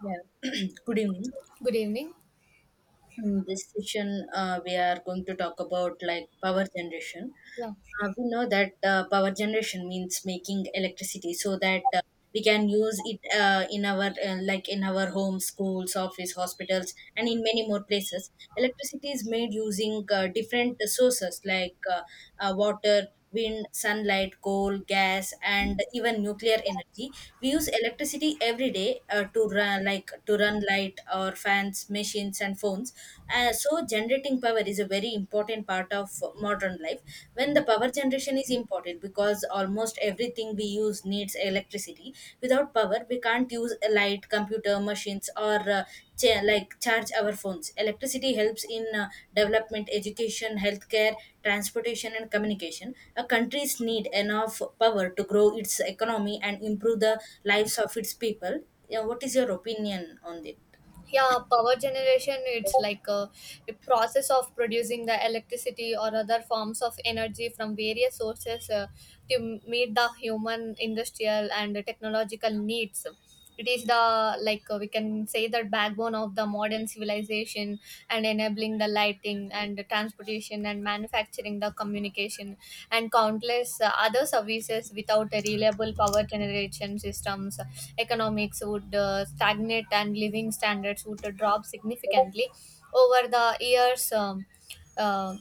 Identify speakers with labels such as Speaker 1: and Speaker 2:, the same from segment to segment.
Speaker 1: Yeah. Good evening.
Speaker 2: Good evening.
Speaker 1: In this session, we are going to talk about like power generation.
Speaker 2: Yeah.
Speaker 1: We know that power generation means making electricity so that we can use it in our like in our homes, schools, office, hospitals, and in many more places. Electricity is made using different sources like water wind, sunlight, coal, gas, and even nuclear energy. We use electricity every day to run, like to run light or fans, machines, and phones. So generating power is a very important part of modern life. When the power generation is important because almost everything we use needs electricity. Without power we can't use a light, computer, machines, or charge our phones. Electricity helps in development, education, healthcare, transportation, and communication. A country's need enough power to grow its economy and improve the lives of its people. Yeah, what is your opinion on it?
Speaker 2: Yeah, power generation, it's like a process of producing the electricity or other forms of energy from various sources, to meet the human, industrial, and technological needs. It is the, we can say, the backbone of the modern civilization and enabling the lighting and the transportation and manufacturing, the communication, and countless other services. Without a reliable power generation systems, economics would stagnate and living standards would drop significantly. Over the years, uh,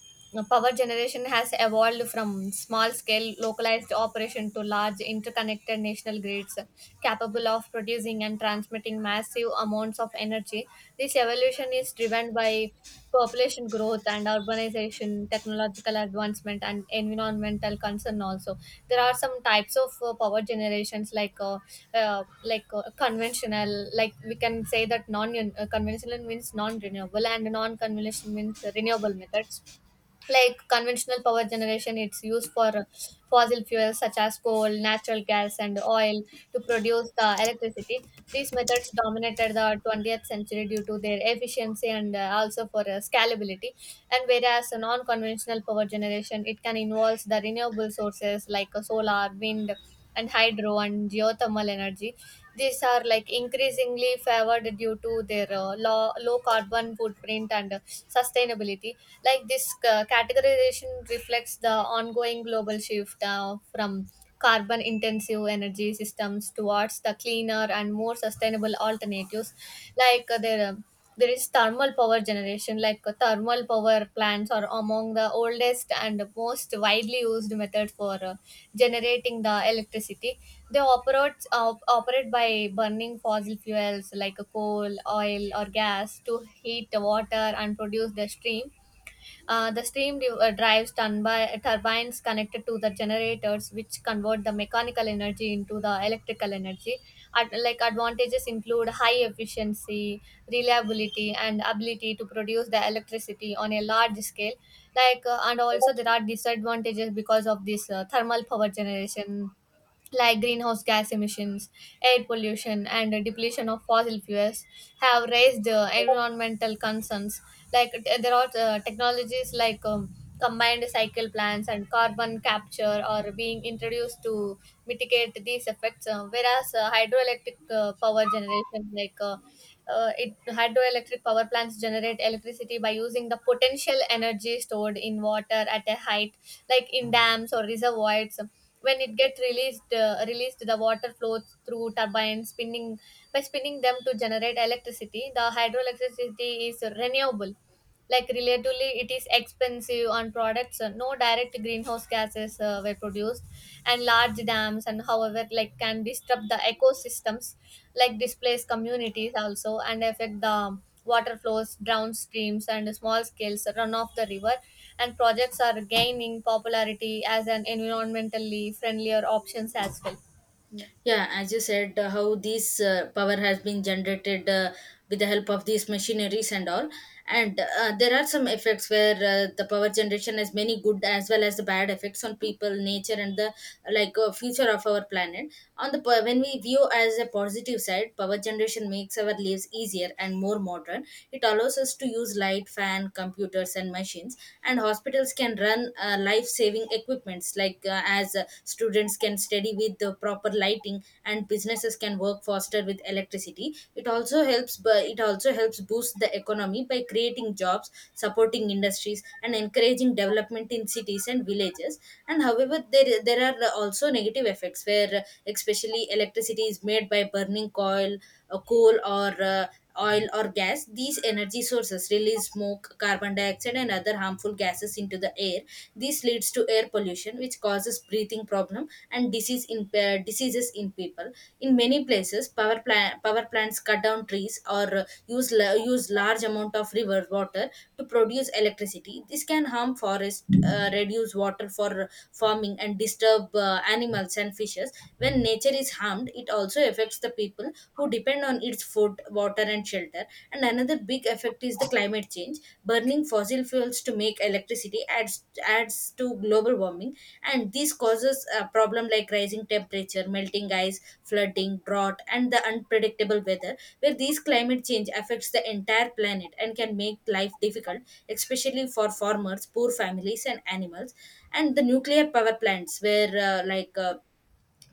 Speaker 2: power generation has evolved from small scale localized operation to large interconnected national grids capable of producing and transmitting massive amounts of energy. This evolution is driven by population growth and urbanization, technological advancement, and environmental concern. Also, there are some types of power generations like conventional. Like we can say that non conventional means non renewable, and non conventional means renewable methods. Like conventional power generation, it's used for fossil fuels such as coal, natural gas, and oil to produce the electricity. These methods dominated the 20th century due to their efficiency and, also, for scalability. And whereas a non-conventional power generation, it can involve the renewable sources like solar, wind, and hydro, and geothermal energy. These are like increasingly favored due to their low carbon footprint and sustainability. Like, this categorization reflects the ongoing global shift from carbon intensive energy systems towards the cleaner and more sustainable alternatives. Like their there is thermal power generation. Like thermal power plants are among the oldest and most widely used method for generating the electricity. They operate by burning fossil fuels like coal, oil, or gas to heat the water and produce the steam. The steam drives turbines connected to the generators, which convert the mechanical energy into the electrical energy. Advantages include high efficiency, reliability, and ability to produce the electricity on a large scale. Like, and also, there are disadvantages because of this thermal power generation, like greenhouse gas emissions, air pollution, and the depletion of fossil fuels have raised environmental concerns. Like there are technologies like combined cycle plants and carbon capture are being introduced to mitigate these effects. Whereas hydroelectric power generation, like it hydroelectric power plants generate electricity by using the potential energy stored in water at a height, like in dams or reservoirs. When it gets released, the water flows through turbines, spinning them to generate electricity. The hydroelectricity is renewable, like relatively. It is expensive on products. No direct greenhouse gases were produced, and large dams, and however, like, can disrupt the ecosystems, like displace communities also, and affect the water flows, drown streams, and small scales run off the river. And projects are gaining popularity as an environmentally friendlier options as well. Yeah.
Speaker 1: Yeah, as you said, how this power has been generated with the help of these machineries and all. And there are some effects where the power generation has many good as well as the bad effects on people, nature, and the future of our planet. When we view as a positive side, power generation makes our lives easier and more modern. It allows us to use light, fan, computers, and machines. And hospitals can run life-saving equipments, like as students can study with the proper lighting, and businesses can work faster with electricity. It also helps boost the economy by creating jobs, supporting industries, and encouraging development in cities and villages. And however, there are also negative effects where, especially, electricity is made by burning coal or oil or gas. These energy sources release smoke, carbon dioxide, and other harmful gases into the air. This leads to air pollution which causes breathing problem and diseases in people. In many places, power plants cut down trees or use large amount of river water to produce electricity. This can harm forest, reduce water for farming, and disturb animals and fishes. When nature is harmed, it also affects the people who depend on its food, water, and shelter. And another big effect is the climate change. Burning fossil fuels to make electricity adds to global warming, and this causes a problem like rising temperature, melting ice, flooding, drought, and the unpredictable weather, where these climate change affects the entire planet and can make life difficult, especially for farmers, poor families, and animals. And the nuclear power plants, where like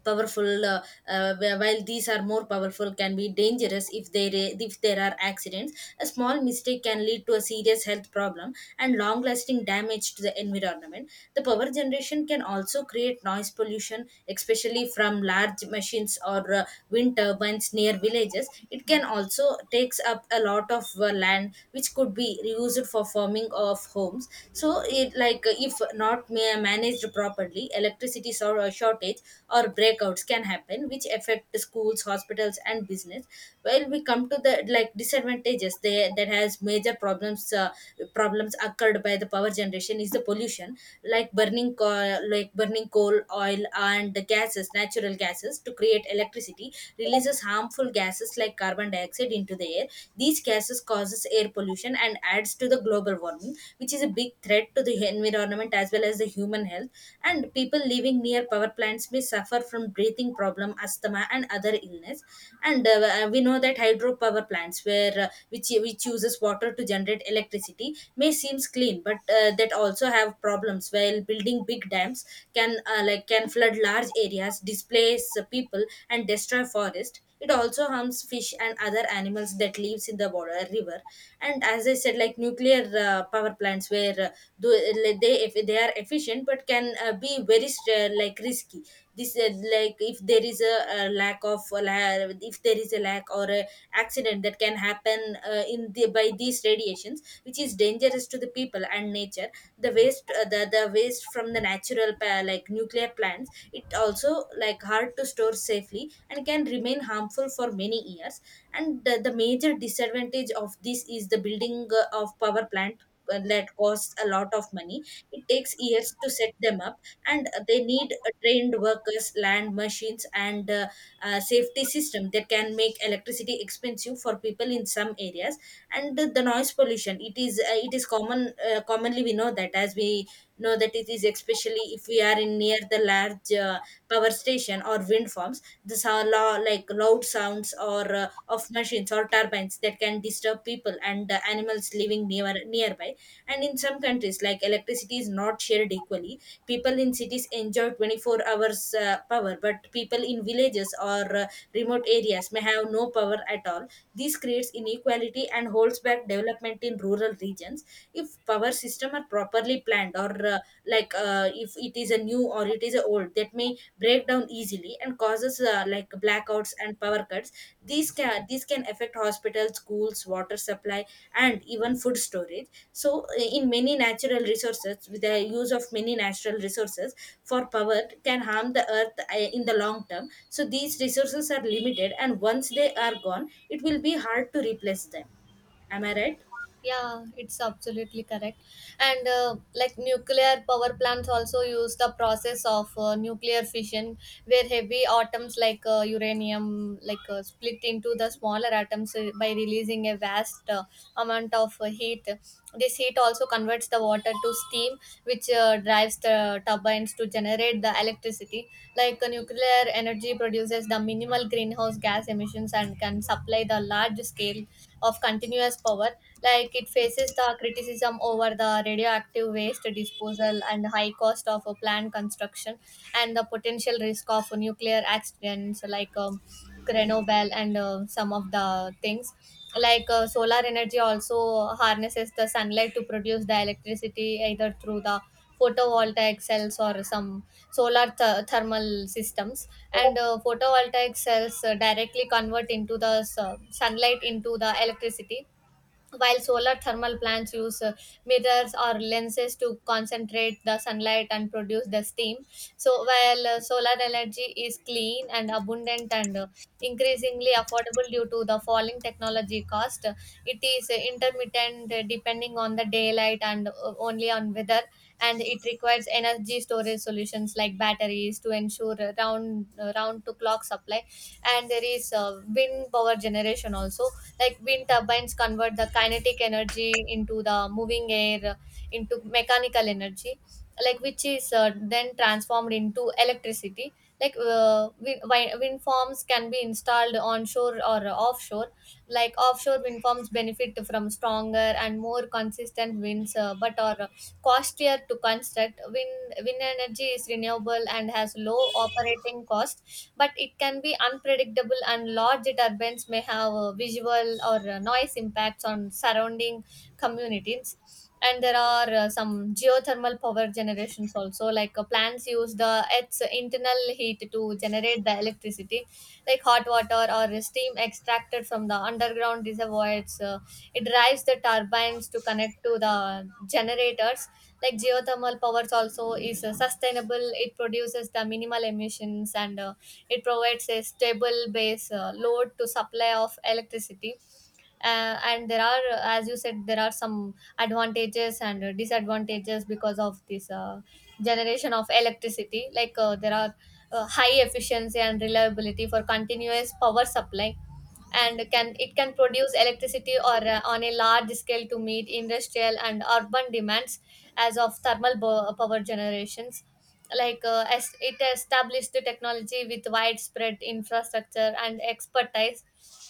Speaker 1: powerful while these are more powerful, can be dangerous. If there are accidents, a small mistake can lead to a serious health problem and long lasting damage to the environment. The power generation can also create noise pollution, especially from large machines or wind turbines near villages. It can also takes up a lot of land which could be reused for farming, warming of homes. So it like If not managed properly, shortage or breakouts can happen, which affect the schools, hospitals, and business. Well, we come to the like disadvantages. There that has major problems Problems occurred by the power generation is the pollution. Like burning coal, oil, and the gases, natural gases, to create electricity releases harmful gases like carbon dioxide into the air. These gases causes air pollution and adds to the global warming, which is a big threat to the environment as well as the human health. And people living near power plants may suffer from breathing problem, asthma, and other illness. And we know that hydropower plants, where which uses water to generate electricity, may seems clean, but that also have problems. While building big dams can can flood large areas, displace people, and destroy forest. It also harms fish and other animals that lives in the water river. And as I said, like nuclear power plants, they, if they are efficient, but can be very str- like risky. This like If there is a, if there is a lack or a accident that can happen in the by these radiations, which is dangerous to the people and nature. The waste from the natural pa- like nuclear plants, it also like hard to store safely and can remain harmful for many years. And the major disadvantage of this is the building of power plant that costs a lot of money. It takes years to set them up, and they need trained workers, land, machines, and safety system that can make electricity expensive for people in some areas. And the noise pollution, it is commonly we know that as we know that it is especially if we are in near the large power station or wind farms. This are lo- like Loud sounds or of machines or turbines that can disturb people and animals living nearby. And in some countries, like electricity is not shared equally. People in cities enjoy 24 hours power, but people in villages or remote areas may have no power at all. This creates inequality and holds back development in rural regions. If power system are properly planned or if it is a new or it is a old, that may break down easily and causes blackouts and power cuts. These can affect hospitals, schools, water supply, and even food storage. So uh, in many natural resources with the use of many natural resources for power can harm the earth in the long term. So these resources are limited, and once they are gone it will be hard to replace them. Am I right?
Speaker 2: Yeah, it's absolutely correct. And like, nuclear power plants also use the process of nuclear fission, where heavy atoms like uranium, like, split into the smaller atoms, by releasing a vast amount of heat. This heat also converts the water to steam, which drives the turbines to generate the electricity. Like, nuclear energy produces the minimal greenhouse gas emissions and can supply the large scale of continuous power. Like, it faces the criticism over the radioactive waste disposal and high cost of a plant construction and the potential risk of nuclear accidents like, Grenoble and some of the things. Like solar energy also harnesses the sunlight to produce the electricity either through the photovoltaic cells or some solar thermal systems. And photovoltaic cells directly convert into the sunlight into the electricity, while solar thermal plants use mirrors or lenses to concentrate the sunlight and produce the steam. So, while solar energy is clean and abundant and increasingly affordable due to the falling technology cost, it is intermittent, depending on the daylight and only on weather, and it requires energy storage solutions like batteries to ensure round to clock supply. And there is wind power generation also. Like, wind turbines convert the kinetic energy into the moving air, into mechanical energy, like, which is then transformed into electricity. Like wind farms can be installed onshore or offshore. Like, offshore wind farms benefit from stronger and more consistent winds, but are costlier to construct. Wind energy is renewable and has low operating cost, but it can be unpredictable, and large turbines may have visual or noise impacts on surrounding communities. And there are some geothermal power generations also. Like, plants use the its internal heat to generate the electricity, like hot water or steam extracted from the underground reservoirs. It drives the turbines to connect to the generators. Like, geothermal powers also is sustainable. It produces the minimal emissions and it provides a stable base load to supply of electricity. And there are, as you said, there are some advantages and disadvantages because of this generation of electricity. Like, there are high efficiency and reliability for continuous power supply, and can it can produce electricity, or, on a large scale to meet industrial and urban demands, as of thermal power generations. Like, as it established the technology with widespread infrastructure and expertise.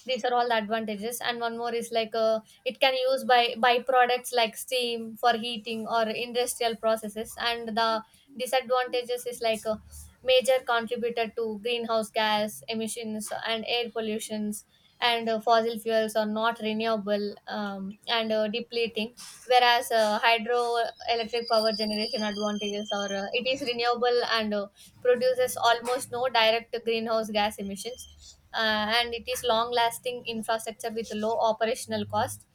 Speaker 2: These are all the advantages. And one more is, like, it can use by byproducts like steam for heating or industrial processes. And the disadvantages is, like, major contributor to greenhouse gas emissions and air pollutions. And fossil fuels are not renewable, and depleting. Whereas hydroelectric power generation advantages are, it is renewable and produces almost no direct greenhouse gas emissions, and it is long lasting infrastructure with low operational cost.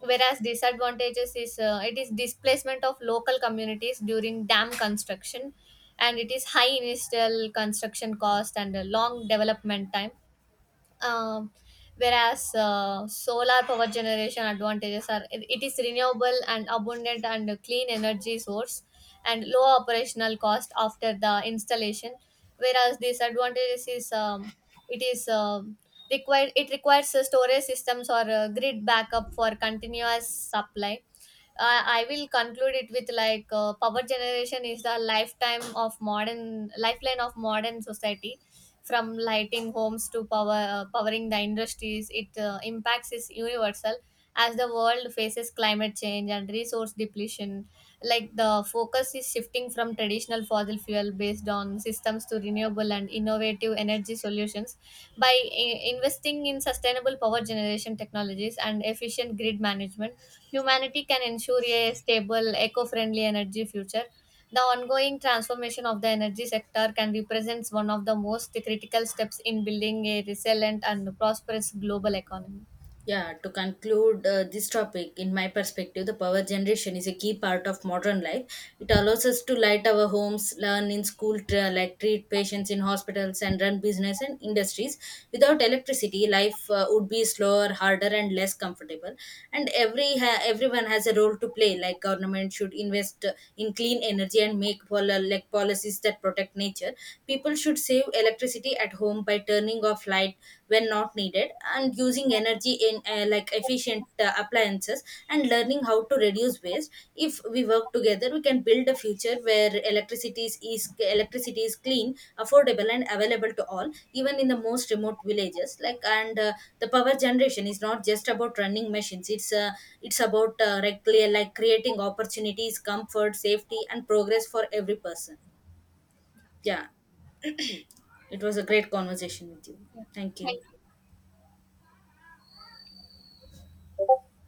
Speaker 2: Whereas disadvantages is, it is displacement of local communities during dam construction, and it is high initial construction cost and a long development time. um, Whereas solar power generation advantages are, it is renewable and abundant and a clean energy source, and low operational cost after the installation. Whereas disadvantages is, it is required, it requires storage systems or grid backup for continuous supply. I will conclude it with, like, power generation is the lifetime of modern lifeline of modern society. From lighting homes to powering the industries, it impacts is universal. As the world faces climate change and resource depletion, like, the focus is shifting from traditional fossil fuel based on systems to renewable and innovative energy solutions. By investing in sustainable power generation technologies and efficient grid management, humanity can ensure a stable, eco friendly energy future. The ongoing transformation of the energy sector can represent one of the most critical steps in building a resilient and prosperous global economy. Yeah.
Speaker 1: Yeah, to conclude this topic, in my perspective, the power generation is a key part of modern life. It allows us to light our homes, learn in school, treat patients in hospitals, and run business and industries. Without electricity, life would be slower, harder, and less comfortable. And everyone has a role to play. Like government should invest in clean energy and make policies that protect nature. People should save electricity at home by turning off light when not needed and using energy in like efficient appliances and learning how to reduce waste. If we work together we can build a future where electricity is clean, affordable, and available to all, even in the most remote villages. Like and The power generation is not just about running machines. It's about creating opportunities, comfort, safety, and progress for every person. Yeah, it was a great conversation with you. Thank
Speaker 2: Thank
Speaker 1: you.
Speaker 2: you.